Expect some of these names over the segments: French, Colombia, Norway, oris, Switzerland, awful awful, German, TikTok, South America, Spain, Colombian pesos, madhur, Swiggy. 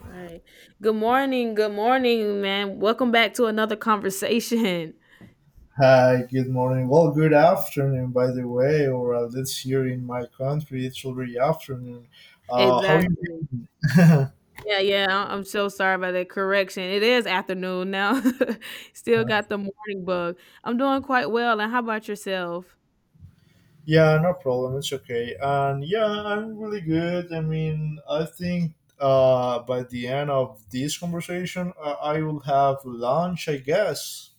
Right. Good morning. Good morning, man. Welcome back to another conversation. Hi, good morning. Well, good afternoon, by the way, or at least here in my country, it's already afternoon. How you? Exactly. Yeah, yeah. I'm so sorry about that correction. It is afternoon now. Still got the morning bug. I'm doing quite well. And how about yourself? Yeah, no problem. It's okay. And yeah, I'm really good. I mean, I think by the end of this conversation, I will have lunch, I guess.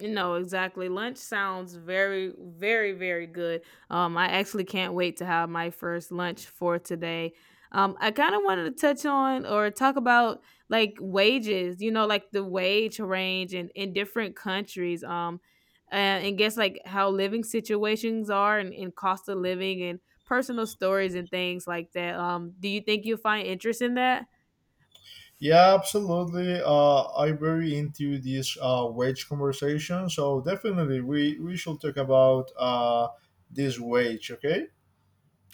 No, exactly. Lunch sounds very, very, very good. I actually can't wait to have my first lunch for today. I kind of wanted to touch on or talk about like wages, you know, like the wage range in different countries. And guess like how living situations are and cost of living and personal stories and things like that. Do you think you'll find interest in that? Yeah, absolutely. I'm very into this wage conversation, so definitely we should talk about this wage. Okay.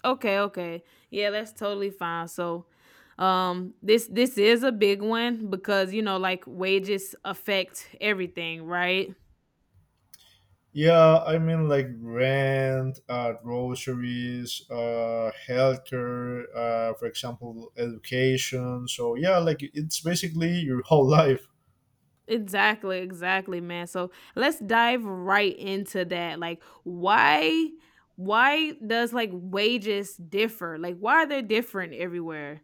Okay, okay. Yeah, that's totally fine. So, this is a big one because you know like wages affect everything, right? Yeah, I mean like rent, groceries, healthcare, for example, education. So yeah, like it's basically your whole life. Exactly, exactly, man. So, let's dive right into that. Like why does like wages differ? Like why are they different everywhere?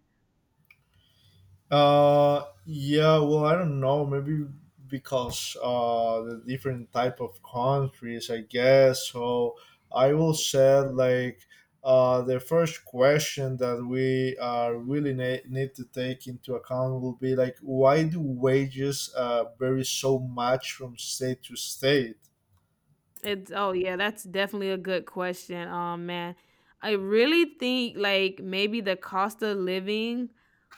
Yeah, well, I don't know. Maybe because the different type of countries, I guess. So I will Y say like the first question that we need to take into account will be like, why do wages vary so much from state to state? It's oh yeah, that's definitely a good question. Man, I really think like maybe the cost of living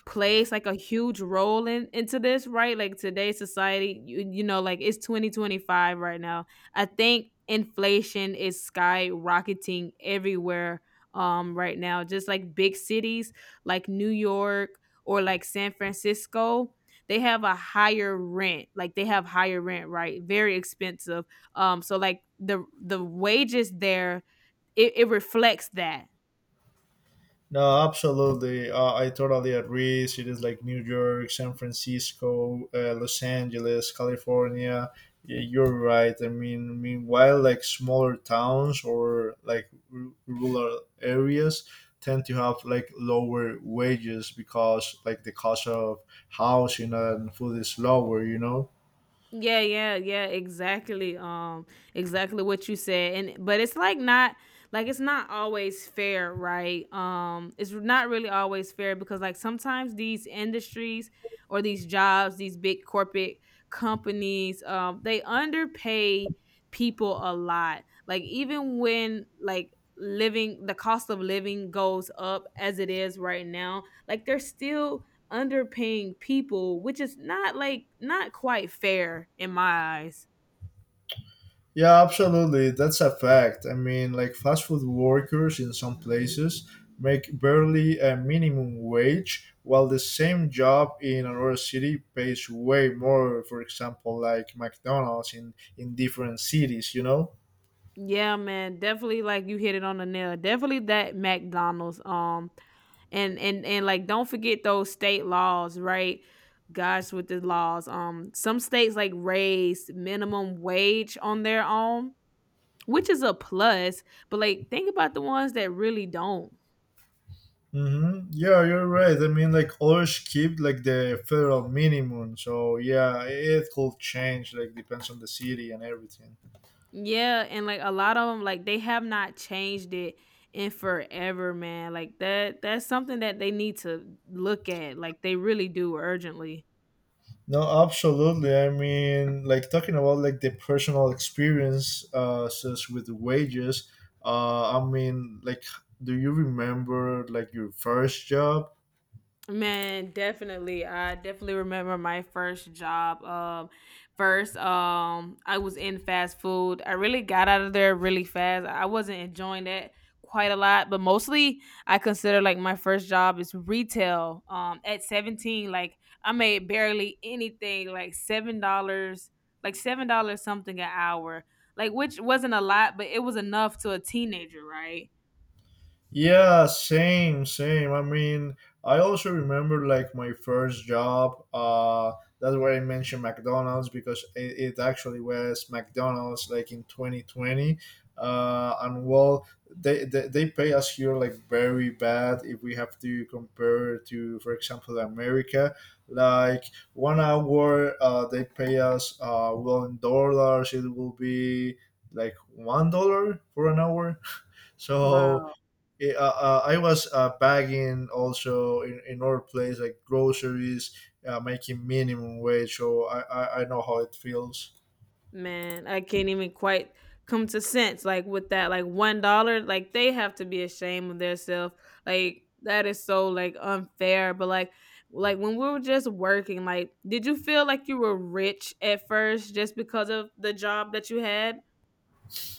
plays like a huge role in into this, right? Like today's society, you know, like it's 2025 right now. I think inflation is skyrocketing everywhere right now. Just like big cities like New York or like San Francisco, they have a higher rent. Like they have higher rent, right? Very expensive, so like the wages there, it reflects that. No, absolutely. I totally agree. Cities like New York, San Francisco, Los Angeles, California. Yeah, you're right. I mean, meanwhile, like smaller towns or like rural areas tend to have like lower wages because like the cost of housing and food is lower, you know? Yeah, yeah, yeah, exactly. Exactly what you said. And but it's like not like it's not always fair, right? It's not really always fair because like sometimes these industries or these jobs, these big corporate companies, they underpay people a lot. Like even when like living the cost of living goes up as it is right now, like they're still underpaying people, which is not like not quite fair in my eyes. Yeah, absolutely. That's a fact. I mean, like fast food workers in some places make barely a minimum wage, while the same job in another city pays way more. For example, like McDonald's in different cities, you know. Yeah, man, definitely like you hit it on the nail. Definitely that McDonald's and like don't forget those state laws, right? Gosh, with the laws. Some states like raise minimum wage on their own, which is a plus, but like think about the ones that really don't. Mm-hmm. Yeah, you're right. I mean, like others keep like the federal minimum. So yeah, it could change. Like depends on the city and everything. Yeah, and like a lot of them, like they have not changed it in forever, man. Like that's something that they need to look at. Like they really do urgently. No, absolutely. I mean, like talking about like the personal experiences says with the wages. I mean, like do you remember like your first job? Man, definitely. I definitely remember my first job. First, I was in fast food. I really got out of there really fast. I wasn't enjoying that quite a lot, but mostly I consider like my first job is retail. At 17, like I made barely anything, like $7, like $7 something an hour, like which wasn't a lot, but it was enough to a teenager, right? Yeah, same, same. I mean, I also remember like my first job. That's why I mentioned McDonald's because it actually was McDonald's like in 2020. And well, they pay us here like very bad if we have to compare to, for example, America. Like 1 hour, they pay us, well, in dollars, it will be like $1 for an hour. So, Wow. I was bagging also in other place, like groceries, making minimum wage. So I know how it feels. Man, I can't even quite come to sense. Like with that, like $1, like they have to be ashamed of themselves. Like that is so like unfair. But like when we were just working, like did you feel like you were rich at first just because of the job that you had?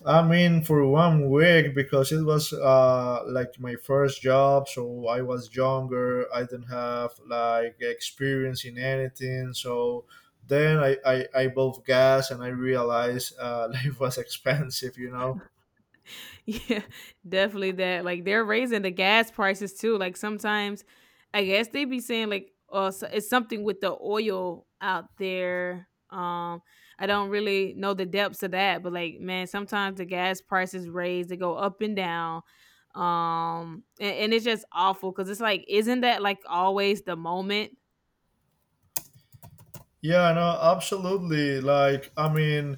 I mean, for 1 week because it was like my first job. So I was younger. I didn't have like experience in anything. So then I both gas and I realized life was expensive, you know? Yeah, definitely that. Like they're raising the gas prices too. Like sometimes, I guess they be saying like, "Oh, so it's something with the oil out there." I don't really know the depths of that, but like, man, sometimes the gas prices raise. They go up and down. And it's just awful because it's like, isn't that like always the moment? Yeah, no, absolutely. Like, I mean,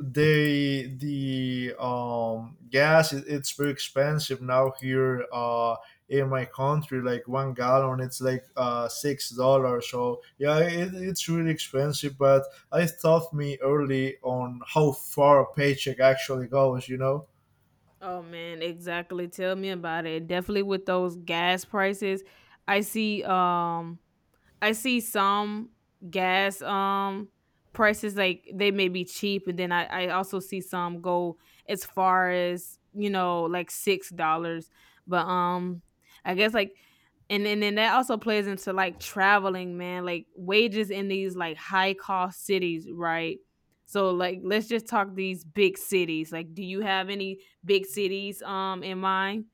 they the gas it's very expensive now here in my country like 1 gallon it's like $6, so yeah, it's really expensive, but I thought me early on how far a paycheck actually goes, you know. Oh man, exactly. Tell me about it. Definitely with those gas prices. I see um I see some gas prices like they may be cheap and then I also see some go as far as, you know, like $6. But I guess like and then that also plays into like traveling, man. Like wages in these like high cost cities, right? So like let's just talk these big cities. Like do you have any big cities in mind?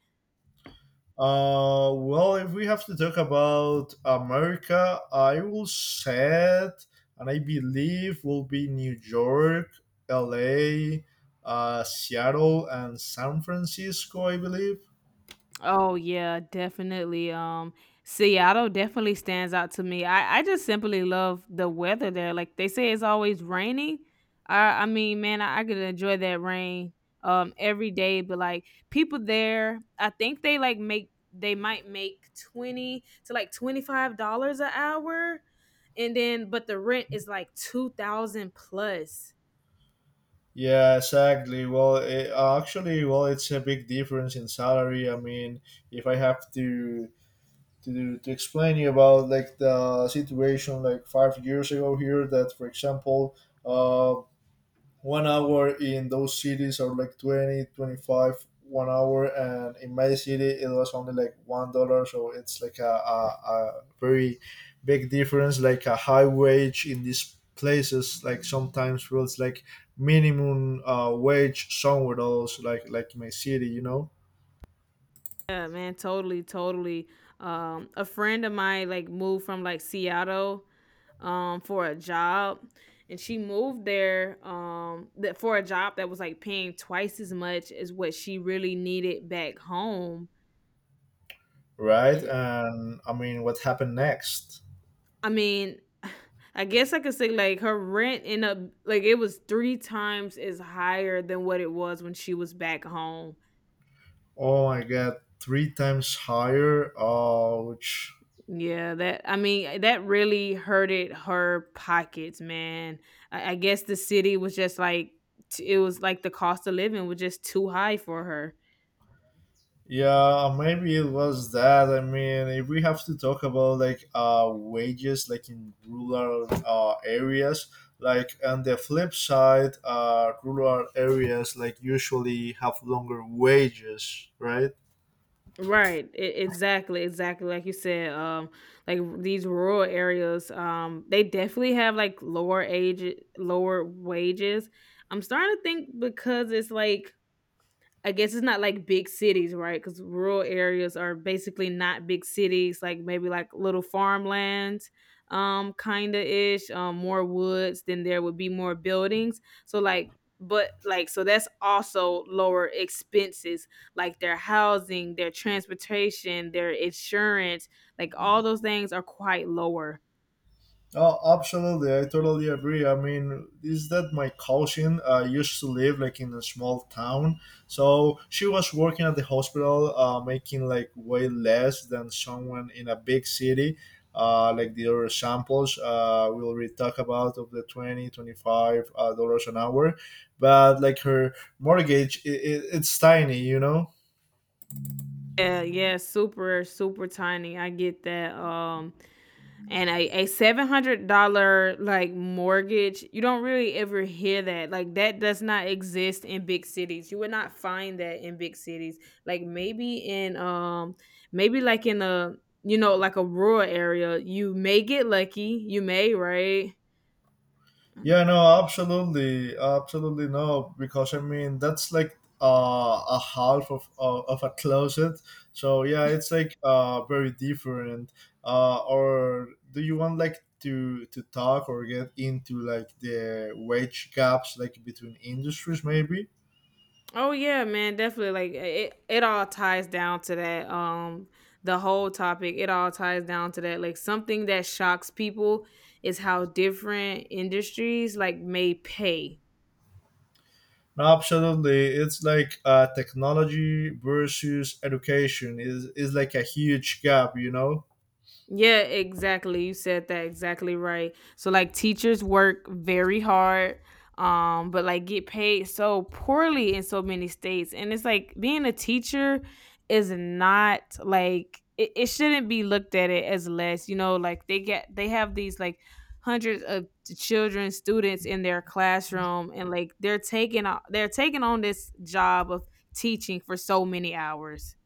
Well, if we have to talk about America, I will say it, and I believe will be New York, LA, Seattle, and San Francisco, I believe. Oh yeah, definitely. Seattle definitely stands out to me. I just simply love the weather there. Like they say, it's always raining. I mean, man, I could enjoy that rain every day. But like people there, I think they might make 20 to like $25 an hour, and then but the rent is like 2,000 plus. Yeah, exactly. Well, it, actually, well, it's a big difference in salary. I mean, if I have to explain you about like the situation like 5 years ago here, that for example, uh, 1 hour in those cities are like 20, 25 one hour, and in my city it was only like $1, so it's like a very big difference. Like a high wage in these places like sometimes feels like minimum wage somewhere else, like in my city, you know. Yeah, man, totally, totally. A friend of mine like moved from like Seattle for a job and she moved there that for a job that was like paying twice as much as what she really needed back home. Right, Eh, and I mean what happened next. I mean, I guess I could say like her rent ended up like it was three times as higher than what it was when she was back home. Oh my god, three times higher, ouch. Yeah, that I mean, that really hurted her pockets, man. I guess the city was just like it was like the cost of living was just too high for her. Yeah, maybe it was that. I mean, if we have to talk about like wages, like in rural areas, like on the flip side, rural areas like usually have longer wages, right? Right. Exactly. Exactly. Like you said, like these rural areas, they definitely have like lower age, lower wages. I'm starting to think because it's like I guess it's not like big cities, right? Because rural areas are basically not big cities, like maybe like little farmlands, kinda ish, more woods, then there would be more buildings. So like but like so that's also lower expenses, like their housing, their transportation, their insurance, like all those things are quite lower. Oh, absolutely. I totally agree. I mean, is that my cousin used to live like in a small town. So she was working at the hospital, making like way less than someone in a big city. Like the other samples we already talk about of the 20-25 dollars an hour, but like her mortgage it's tiny, you know. Yeah, yeah, super, super tiny. I get that. And a $700 like mortgage, you don't really ever hear that. Like that does not exist in big cities. You would not find that in big cities. Like maybe in a you know like a rural area, you may get lucky. You may right. Yeah, no, absolutely, absolutely no, because I mean that's like a half of a closet. So yeah, it's like very different. Or do you want like to talk or get into like the wage gaps like between industries maybe? Oh yeah, man, definitely. Like it all ties down to that. The whole topic, it all ties down to that. Like something that shocks people is how different industries like may pay. No, absolutely. It's like technology versus education is like a huge gap, you know. Yeah, exactly. You said that exactly right. So like teachers work very hard but like get paid so poorly in so many states and it's like being a teacher is not like it shouldn't be looked at it as less, you know, like they have these like hundreds of children students in their classroom and like they're taking on this job of teaching for so many hours.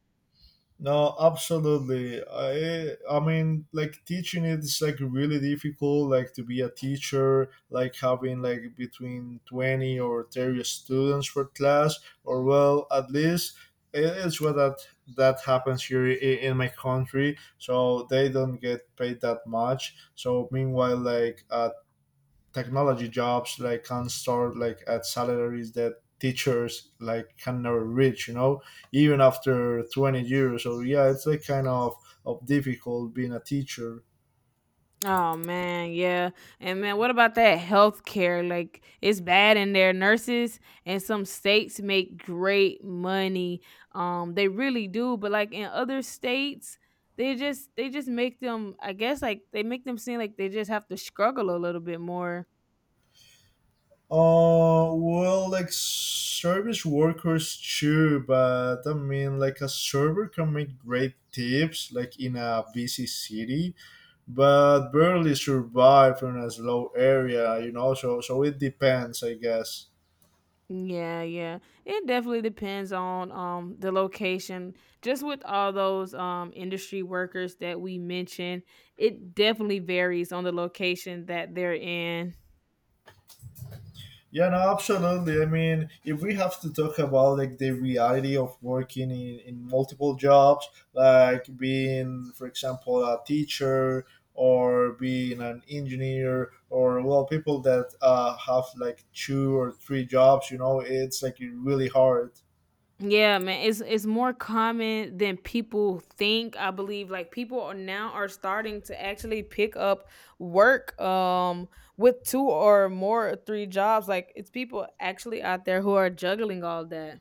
No, absolutely. I mean like teaching it is like really difficult like to be a teacher, like having like between 20 or 30 students per class, or well, at least it is what that happens here in my country. So they don't get paid that much. So meanwhile like a technology jobs like can start like at salaries that teachers like can never reach, you know, even after 20 years. So yeah, it's like kind of difficult being a teacher. Oh man, yeah. And man, what about that healthcare? Like it's bad in there. Nurses and some states make great money. They really do, but like in other states, they just make them, I guess like they make them seem like they just have to struggle a little bit more. Well, like service workers too, but I mean like a server can make great tips like in a busy city, but barely survive in a slow area, you know, so so it depends, I guess. Yeah, yeah. It definitely depends on the location. Just with all those industry workers that we mentioned, it definitely varies on the location that they're in. Yeah, no, absolutely. I mean, if we have to talk about like the reality of working in multiple jobs, like being, for example, a teacher or being an engineer, or well, people that have like two or three jobs, you know, it's like really hard. Yeah, man, it's more common than people think. I believe like people are now are starting to actually pick up work with two or more or three jobs. Like it's people actually out there who are juggling all that.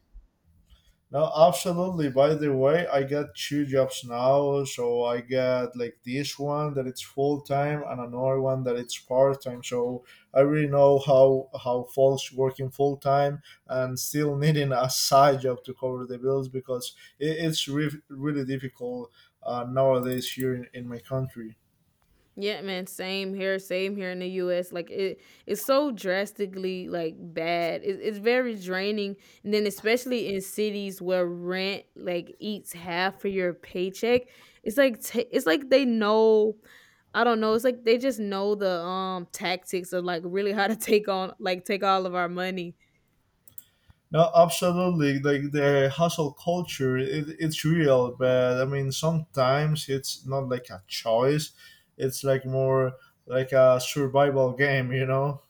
No, absolutely. By the way, I got two jobs now. So I got like this one that it's full time and another one that it's part time. So I really know how folks working full time and still needing a side job to cover the bills because it's really difficult nowadays here in my country. Yeah, man, same here in the US. Like it's so drastically like bad. It's very draining. And then especially in cities where rent like eats half of your paycheck, it's like they know. I don't know, it's like they just know the tactics of like really how to take on like take all of our money. No, absolutely. Like the hustle culture, it's real, but I mean, sometimes it's not like a choice. It's like more like a survival game, you know?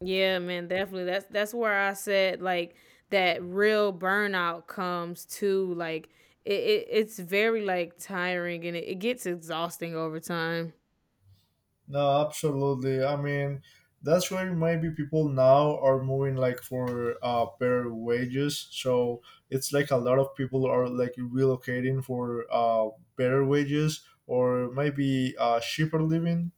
Yeah, man, definitely. That's where I said like that real burnout comes to like it's very like tiring and it gets exhausting over time. No, absolutely. I mean, that's why maybe people now are moving like for better wages. So it's like a lot of people are like relocating for better wages, or maybe cheaper living.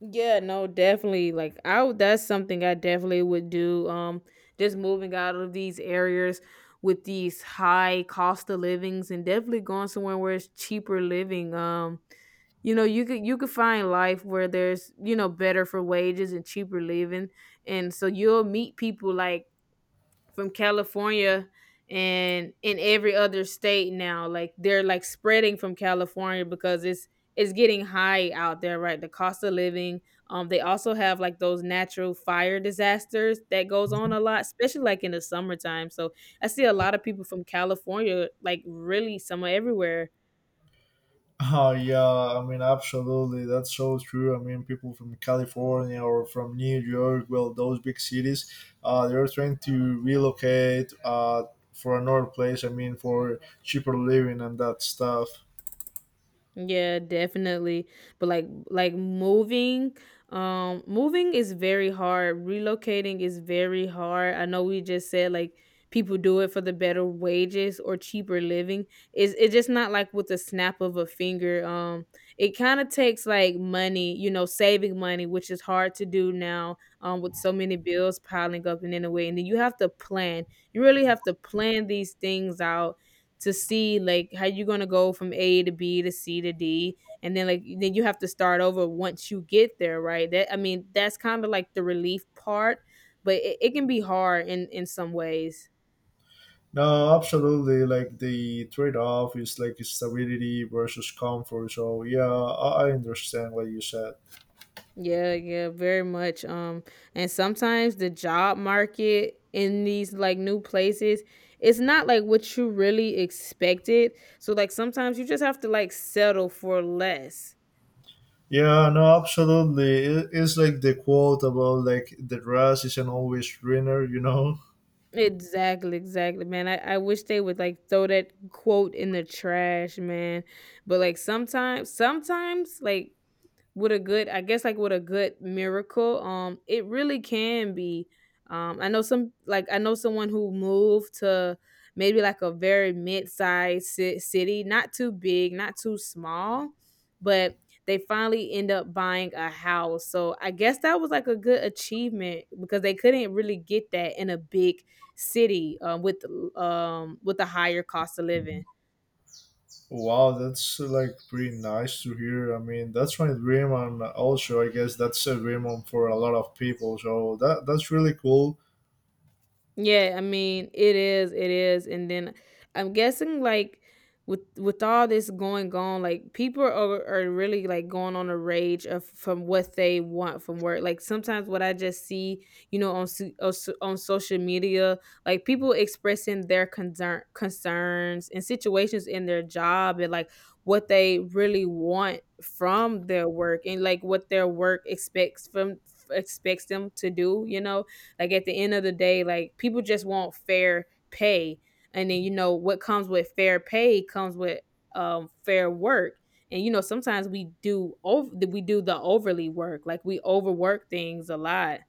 Yeah, no, definitely. That's something I definitely would do. Just moving out of these areas with these high cost of livings and definitely going somewhere where it's cheaper living. You know, you could find life where there's, you know, better for wages and cheaper living. And so you'll meet people like from California and in every other state now. Like they're like spreading from California because it's getting high out there, right? The cost of living. They also have like those natural fire disasters that goes on a lot, especially like in the summertime. So I see a lot of people from California, like really somewhere everywhere. Oh yeah, I mean absolutely. That's so true. I mean, people from California or from New York, well, those big cities, they're trying to relocate for another place. I mean, for cheaper living and that stuff. Yeah, definitely. But like moving, moving is very hard. Relocating is very hard. I know we just said like people do it for the better wages or cheaper living. It's just not like with the snap of a finger. It kind of takes like money, you know, saving money, which is hard to do now with so many bills piling up and in a way. And then you have to plan. You really have to plan these things out to see like how you're gonna go from A to B to C to D, and then like then you have to start over once you get there, right? That I mean, that's kind of like the relief part, but it can be hard in some ways. No, absolutely. Like the trade-off is like stability versus comfort. So yeah, I understand what you said. Yeah, yeah, very much. And sometimes the job market in these like new places, it's not like what you really expected. So like sometimes you just have to like settle for less. Yeah, no, absolutely. It- It's like the quote about like the grass isn't always greener, you know. Exactly, exactly, man. I wish they would like throw that quote in the trash, man. But like sometimes, like with a good I guess like with a good miracle it really can be I know some like I know someone who moved to maybe like a very mid-sized city, not too big, not too small, but they finally end up buying a house, so I guess that was like a good achievement because they couldn't really get that in a big city, with a higher cost of living. Wow, that's like pretty nice to hear. I mean, that's my dream, and also I guess that's a dream on- for a lot of people. So that that's really cool. Yeah, I mean, it is, and then I'm guessing like with all this going on, like people are really like going on a rage of from what they want from work. Like sometimes what I just see, you know, on on social media, like people expressing their concerns and situations in their job and like what they really want from their work and like what their work expects from expects them to do, you know, like at the end of the day, like people just want fair pay. And then you know what comes with fair pay comes with fair work. And you know sometimes we do the overly work. Like we overwork things a lot.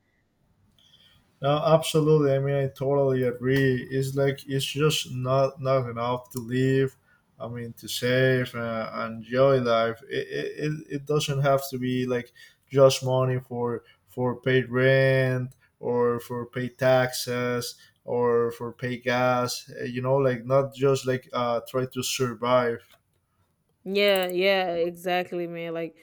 No, absolutely. I mean, I totally agree. It's like it's just not not enough to live. I mean, to save and enjoy life. It doesn't have to be like just money for paid rent, or for pay taxes, or for pay gas. You know, like not just like try to survive. Yeah, yeah, exactly, man. Like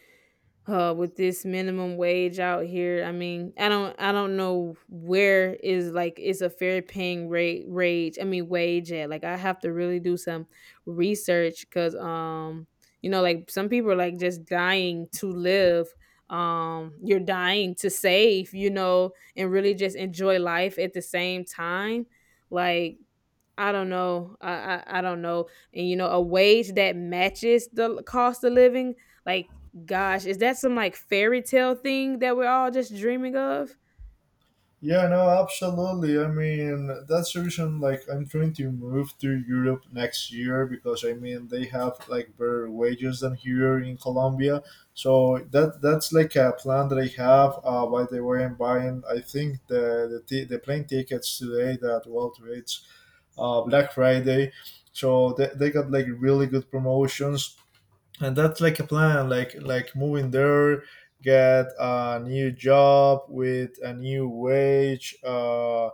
with this minimum wage out here, I mean, I don't know where is like it's a fair paying rate rage I mean wage at, like I have to really do some research because you know like some people are like just dying to live, you're dying to save, you know, and really just enjoy life at the same time, like I don't know. I don't know. And you know, a wage that matches the cost of living, like gosh, is that some like fairy tale thing that we're all just dreaming of? Yeah, no, absolutely. I mean, that's the reason. Like, I'm trying to move to Europe next year because I mean they have like better wages than here in Colombia. So that that's like a plan that I have. By the way, I'm buying. I think the plane tickets today, that well, today it's Black Friday. So they got like really good promotions, and that's like a plan like moving there, get a new job with a new wage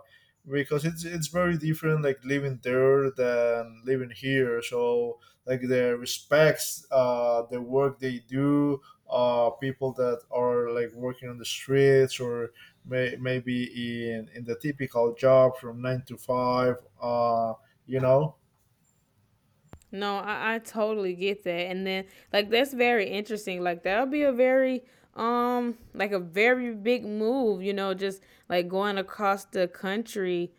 because it's very different like living there than living here. So like the respects the work they do, people that are like working on the streets, or maybe in the typical job from 9 to 5, you know. No, I totally get that. And then like that's very interesting. Like that'll be a very like a very big move, you know, just like going across the country.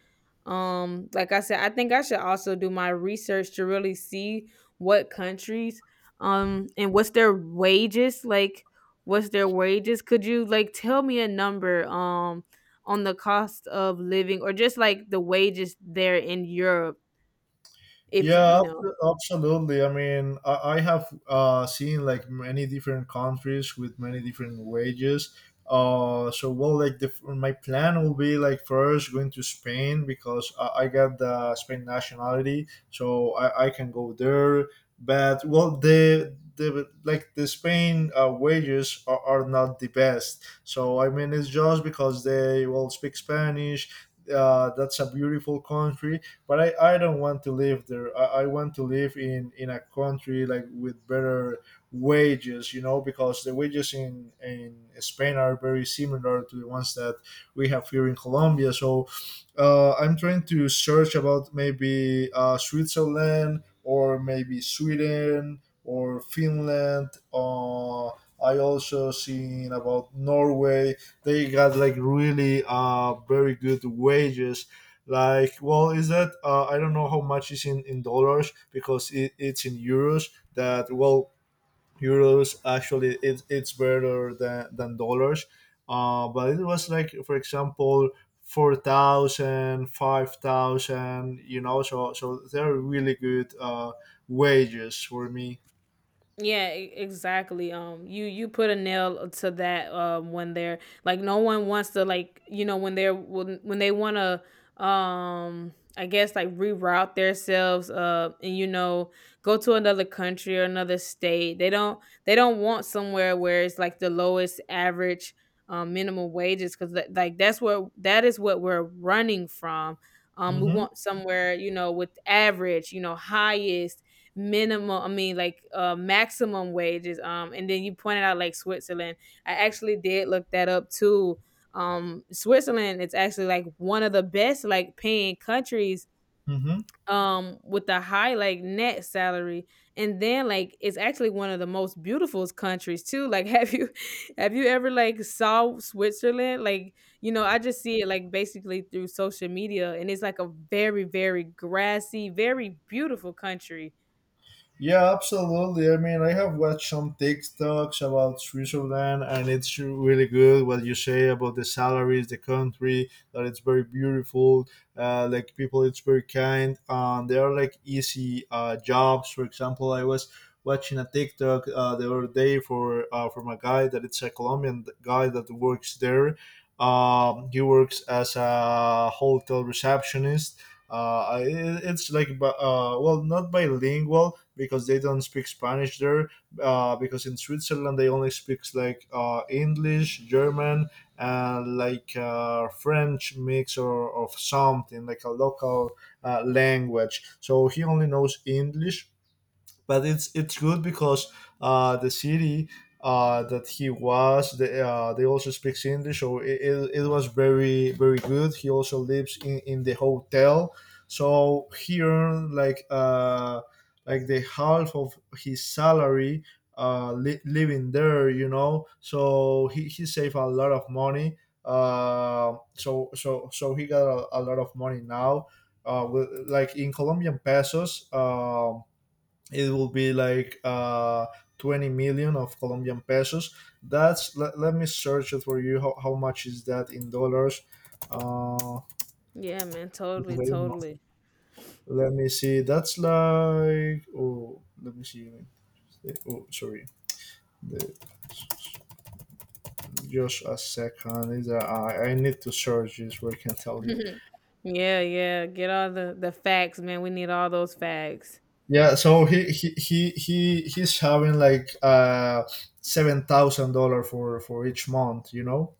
Like I said, I think I should also do my research to really see what countries and what's their wages like, what's their wages? Could you like tell me a number on the cost of living or just like the wages there in Europe, if you Yeah, know. Absolutely. I mean, I have seen like many different countries with many different wages. So well, like the, my plan will be like first going to Spain because I got the Spain nationality, so I can go there. But well, the like the Spain wages are not the best. So I mean, it's just because they will speak Spanish. That's a beautiful country, but I don't want to live there. I want to live in a country like with better wages, you know, because the wages in Spain are very similar to the ones that we have here in Colombia. So I'm trying to search about maybe Switzerland, or maybe Sweden or Finland. I also seen about Norway. They got like really very good wages, like well, is that I don't know how much is in dollars because it's in euros. That well, euros actually, it's better than dollars. But it was like, for example, 4,000, 5,000. You know, so so they're really good wages for me. Yeah, exactly. You you put a nail to that. When they're like, no one wants to like, you know, when they're when they want to, I guess like reroute themselves, and you know, go to another country or another state. They don't want somewhere where it's like the lowest average, minimum wages because that, like that's where that is what we're running from. We hmm want somewhere, you know, with average, you know, highest minimum, like maximum wages. And then you pointed out like Switzerland. I actually did look that up too. Switzerland, it's actually like one of the best like paying countries, hmm with the high like net salary. And then like it's actually one of the most beautiful countries too, like have you ever like saw Switzerland, like, you know, I just see it like basically through social media and it's like a very very grassy, very beautiful country. Yeah, absolutely. I mean, I have watched some TikToks about Switzerland, and it's really good what you say about the salaries, the country, that it's very beautiful. Like people, it's very kind. They are like easy jobs. For example, I was watching a TikTok the other day for from a guy that it's a Colombian guy that works there. He works as a hotel receptionist. It's like well, not bilingual because they don't speak Spanish there, because in Switzerland they only speak like English, German, and like French mix or of something, like a local language. So he only knows English, but it's good because the city that he was, they also speaks English. So it was very very good. He also lives in the hotel, so he earned like the half of his salary, living there, you know. So he saved a lot of money. So he got a lot of money now, with, like, in Colombian pesos, it will be like 20 million of Colombian pesos. That's, let me search it for you. How much is that in dollars? Uh, Yeah, man, totally, because I don't know. totally. Let me see. That's like, oh, let me see. Oh, sorry. The, just a second. Is that, I need to search this. Where I can tell you. Yeah, yeah. Get all the facts, man. We need all those facts. Yeah. So he's having like $7,000 for each month. You know,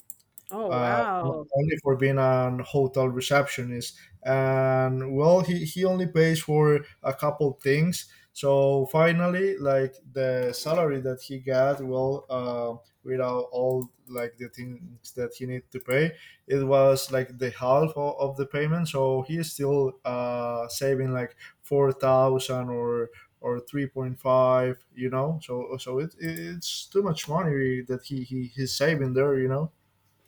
Oh uh, wow. only for being an hotel receptionist. And well, he only pays for a couple things. So finally, like the salary that he got, well, without all like the things that he need to pay, it was like the half of the payment. So he is still saving like 4,000 or 3.5, you know. So so it's too much money that he's saving there, you know.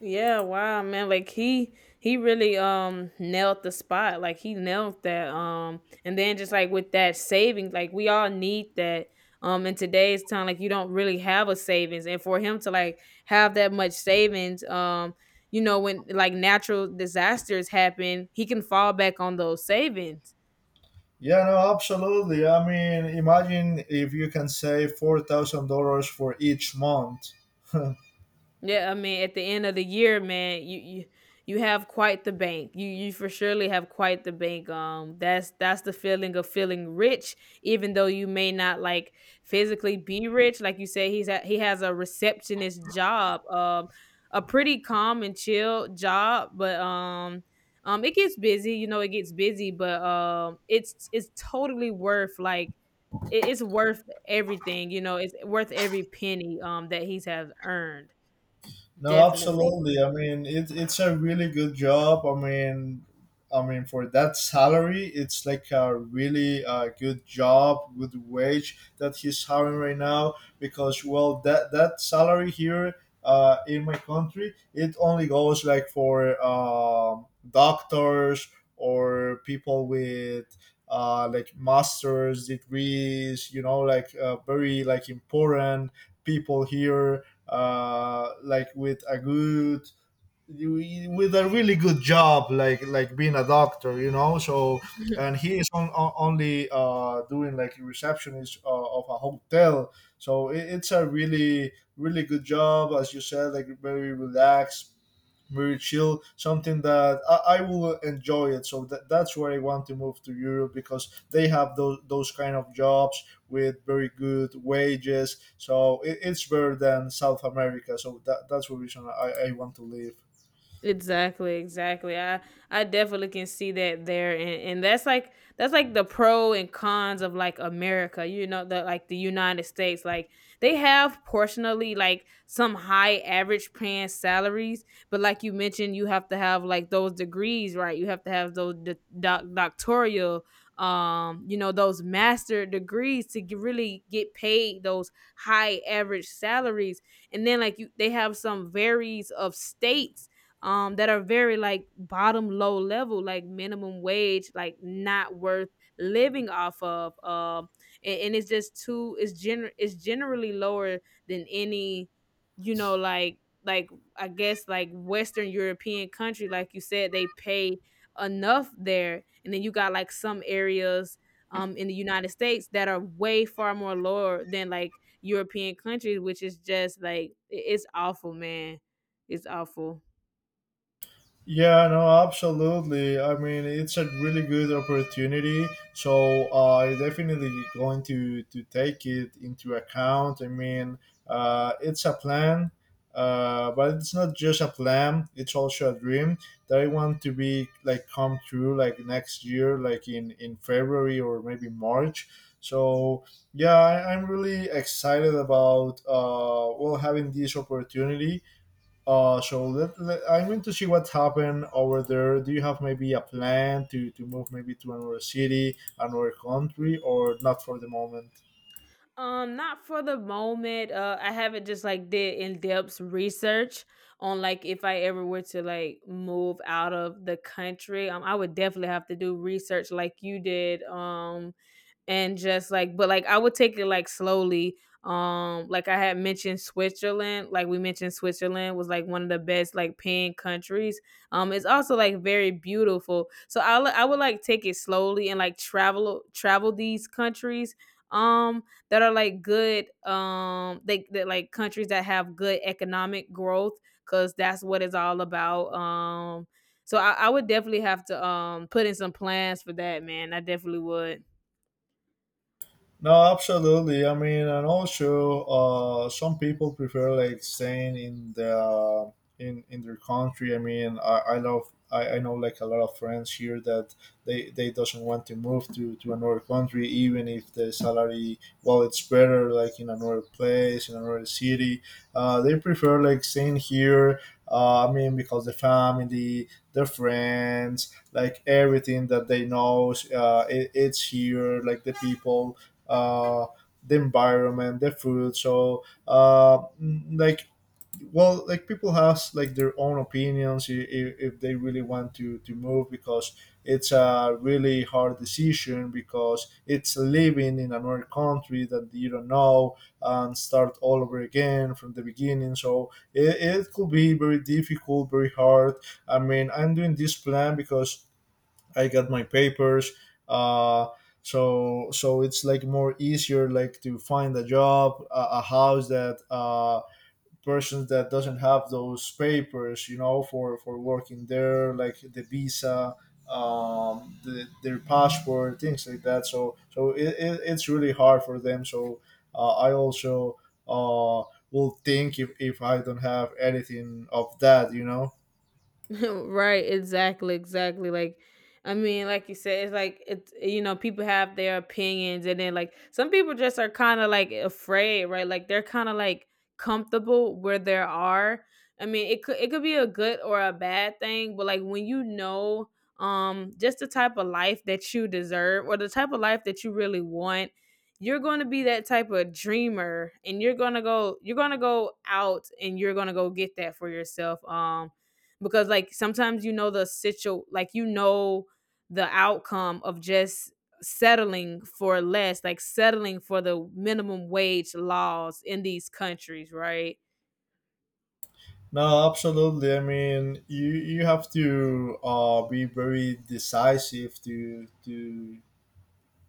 Yeah, wow, man. Like he really nailed the spot. Like he nailed that. And then just like with that savings, like we all need that. In today's time, like you don't really have a savings. And for him to like have that much savings, you know, when like natural disasters happen, he can fall back on those savings. Yeah, no, absolutely. I mean, imagine if you can save $4,000 for each month. Yeah, I mean, at the end of the year, man, you have quite the bank. You for surely have quite the bank. That's the feeling of feeling rich, even though you may not like physically be rich. Like you said, he has a receptionist job. A pretty calm and chill job, but it gets busy, you know. It gets busy, but it's totally worth like it's worth everything, you know. It's worth every penny that he's have earned. No, Definitely. absolutely. I mean, it's a really good job. I mean for that salary, it's like a really good job, good wage that he's having right now. Because well, that that salary here in my country, it only goes like for doctors or people with like masters degrees. You know, like very like important people here, like with a good, with a really good job, like being a doctor, you know. So and he is only doing like receptionist of a hotel. So it's a really really good job, as you said, like very relaxed, very chill. Something that I will enjoy it. So that, that's where I want to move to Europe because they have those kind of jobs with very good wages. So it's better than South America. So that, that's the reason I want to live. Exactly, exactly. I definitely can see that there, and that's like the pro and cons of like America, you know, the like the United States. Like they have portionally like some high average paying salaries, but like you mentioned, you have to have like those degrees, right? You have to have those doctoral you know, those master degrees to really get paid those high average salaries. And then like you they have some varies of states that are very like bottom low level, like minimum wage, like not worth living off of. And it's just too, it's generally lower than any, you know, like, I guess like Western European country, like you said, they pay enough there. And then you got like some areas in the United States that are way far more lower than like European countries, which is just like it's awful, man. It's awful. Yeah, no, absolutely. I mean, it's a really good opportunity, so I definitely going to take it into account. I mean, it's a plan, but it's not just a plan; it's also a dream that I want to be like come true, like next year, like in February or maybe March. So yeah, I'm really excited about well having this opportunity, so I'm into see what's happened over there. Do you have maybe a plan to move maybe to another city, another country, or not for the moment? Not for the moment. I haven't just like did in depth research on like if I ever were to like move out of the country. I would definitely have to do research like you did. And just like but like I would take it like slowly. Like I had mentioned Switzerland, like we mentioned Switzerland was like one of the best like paying countries. It's also like very beautiful. So I would like take it slowly and like travel these countries um that are like good, they that like countries that have good economic growth, cuz that's what it's all about. So I would definitely have to put in some plans for that, man. I definitely would. No, absolutely. I mean, and also, some people prefer like staying in the in their country. I mean, I know like a lot of friends here that they doesn't want to move to another country, even if the salary, well, it's better like in another place, in another city. They prefer like staying here. I mean, because the family, the friends, like everything that they know, it's here. Like the people uh, the environment, the food. So, mm, like, well, like people have like their own opinions if they really want to move, because it's a really hard decision, because it's living in another country that you don't know and start all over again from the beginning. So it could be very difficult, very hard. I mean, I'm doing this plan because I got my papers. Uh, so so it's like more easier like to find a job, a house, that persons that doesn't have those papers, you know, for working there, like the visa, the, their passport, things like that. So so it's really hard for them. So I also uh, will think if I don't have anything of that, you know. Right, exactly, exactly, like I mean like you said it's like it's you know people have their opinions, and then like some people just are kind of like afraid, right, like they're kind of like comfortable where they are. I mean it could be a good or a bad thing, but like when you know, just the type of life that you deserve or the type of life that you really want, you're going to be that type of dreamer and you're going to go, you're going to go out and you're going to go get that for yourself. Because like sometimes you know the situ like you know the outcome of just settling for less, like settling for the minimum wage laws in these countries, right? No, absolutely. I mean, you have to be very decisive to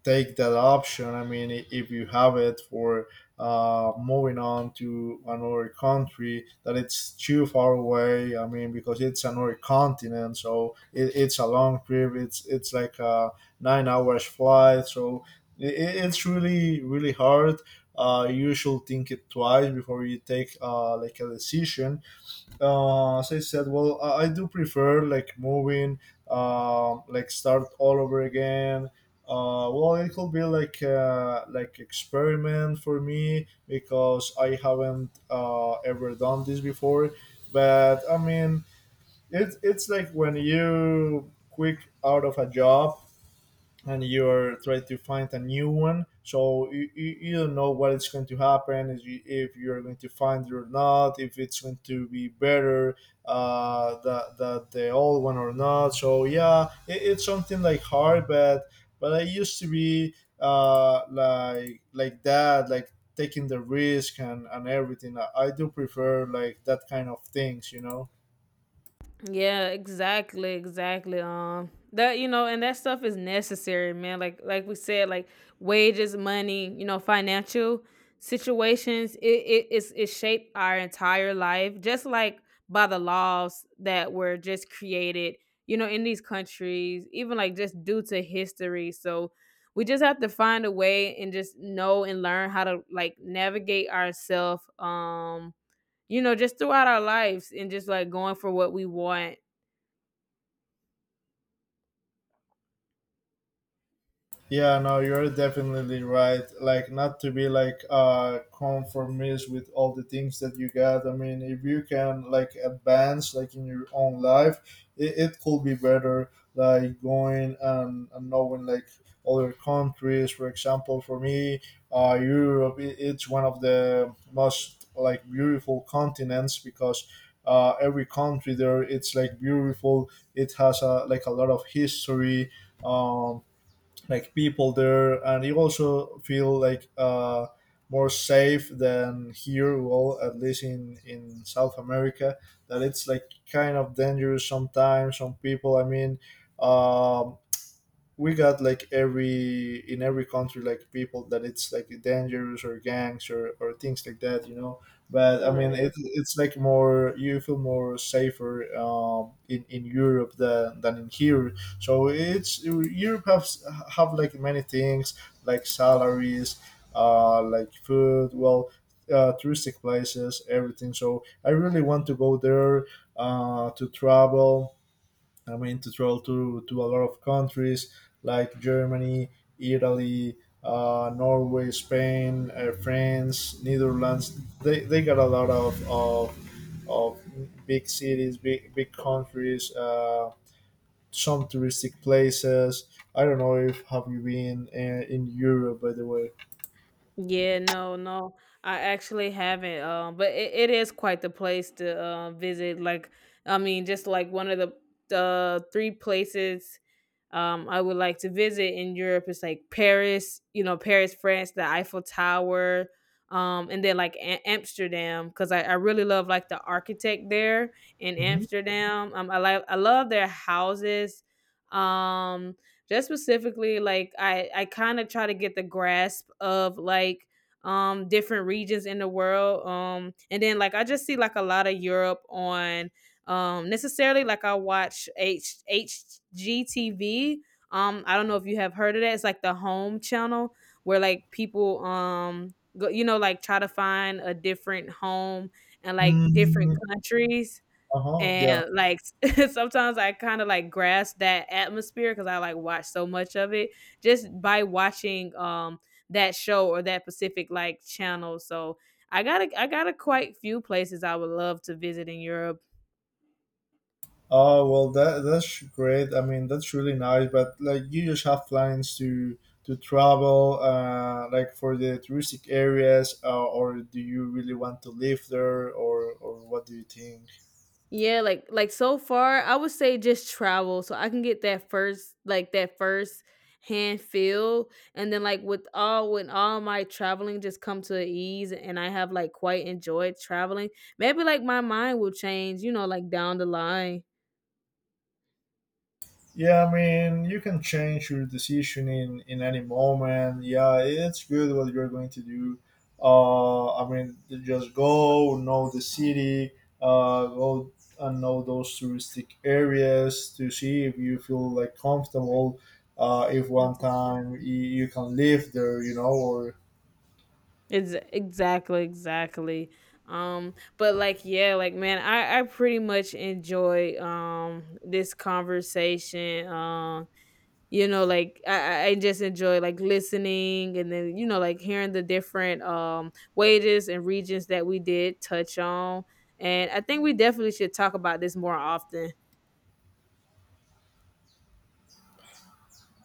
take that option. I mean, if you have it for moving on to another country that it's too far away. I mean, because it's another continent, so it's a long trip. It's like a 9 hours flight. So it's really really hard. You should think it twice before you take like a decision, as I said. Well, I do prefer like moving, like start all over again. Well, it could be like experiment for me because I haven't ever done this before. But I mean, it's like when you quick out of a job and you're trying to find a new one, so you don't know what is going to happen if, you, if you're going to find it or not, if it's going to be better uh, the old one or not. So yeah, it's something like hard, but I used to be like that, like taking the risk, and everything. I do prefer like that kind of things, you know. Yeah, exactly, exactly. That you know, and that stuff is necessary, man. Like we said, like wages, money, you know, financial situations. It is, it shaped our entire life, just like by the laws that were just created, you know, in these countries, even like just due to history. So we just have to find a way and just know and learn how to like navigate ourselves. You know, just throughout our lives and just like going for what we want. Yeah, no, you're definitely right. Like, not to be like conformist with all the things that you got. I mean, if you can like advance like in your own life, it could be better. Like going and knowing like other countries. For example, for me, Europe I it's one of the most like beautiful continents, because. Every country there it's like beautiful, it has a, like a lot of history, um, like people there, and you also feel like more safe than here. Well, at least in South America, that it's like kind of dangerous sometimes. Some people, I mean. Um, we got like every in every country like people that it's like dangerous or gangs or things like that, you know. But I mean it, Right. it's like more you feel more safer in Europe than in here. So it's Europe has have like many things, like salaries, like food, well, touristic places, everything. So I really want to go there to travel. I mean, to travel to a lot of countries like Germany, Italy, Norway, Spain, France, Netherlands. They got a lot of big cities, big, big countries, some touristic places. I don't know if have you been in Europe, by the way. Yeah, no, no. I actually haven't. But it is quite the place to visit. Like, I mean, just like one of the three places I would like to visit in Europe is like Paris, you know, Paris, France, the Eiffel Tower, and then like Amsterdam, because I really love like the architect there in Mm-hmm. Amsterdam. I like I love their houses. Um just specifically like I kind of try to get the grasp of like different regions in the world, and then like I just see like a lot of Europe on, necessarily like I watch h HGTV. I don't know if you have heard of that, it's like the home channel where like people go, you know, like try to find a different home and like different Mm, countries uh-huh. Yeah, and like sometimes I kind of like grasp that atmosphere because I like watch so much of it, just by watching that show or that specific like channel. So I got a quite few places I would love to visit in Europe. oh well, that that's great. I mean, that's really nice. But like, you just have plans to travel, like for the touristic areas, or do you really want to live there, or what do you think? Yeah, like so far, I would say just travel so I can get that first like that first hand feel, and then like with all when all my traveling just come to a ease and I have like quite enjoyed traveling, maybe like my mind will change, you know, like down the line. Yeah, I mean, you can change your decision in any moment. Yeah, it's good what you're going to do. I mean, just go know the city, go and know those touristic areas to see if you feel like comfortable. If one Ex- time you can live there, you know, or Exactly, exactly. But like yeah, like man, I pretty much enjoy this conversation. You know, like I just enjoy like listening, and then you know like hearing the different wages and regions that we did touch on, and I think we definitely should talk about this more often.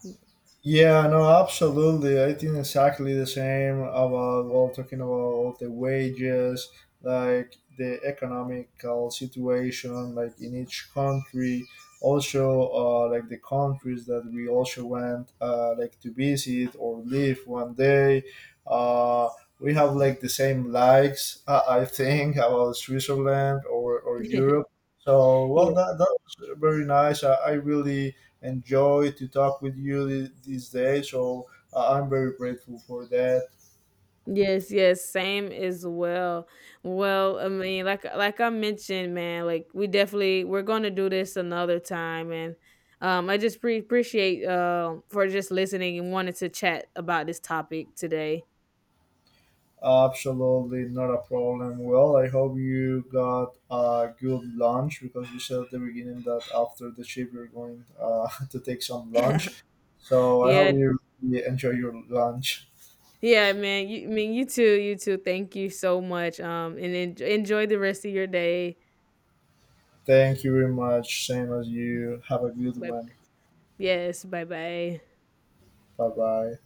yeah, no, absolutely. I think exactly the same about, well, talking about the wages, like the economical situation, like in each country. Also, like the countries that we also went, like to visit or live one day. Uh, we have like the same likes, I think, about Switzerland or Yeah, Europe. So, well, that, that was very nice. I really enjoy to talk with you these days. So I'm very grateful for that. yes, yes, same as well. Well, I mean like I mentioned, man, like we definitely we're gonna do this another time, and I just appreciate for just listening and wanting to chat about this topic today. Absolutely, not a problem. Well, I hope you got a good lunch because you said at the beginning that after the shift you're going to take some lunch. So I Yeah. hope you really enjoy your lunch. Yeah, man. You, I mean, you too. You too. Thank you so much. And enjoy the rest of your day. Thank you very much. Same as you. Have a good But one. yes, bye bye. Bye bye.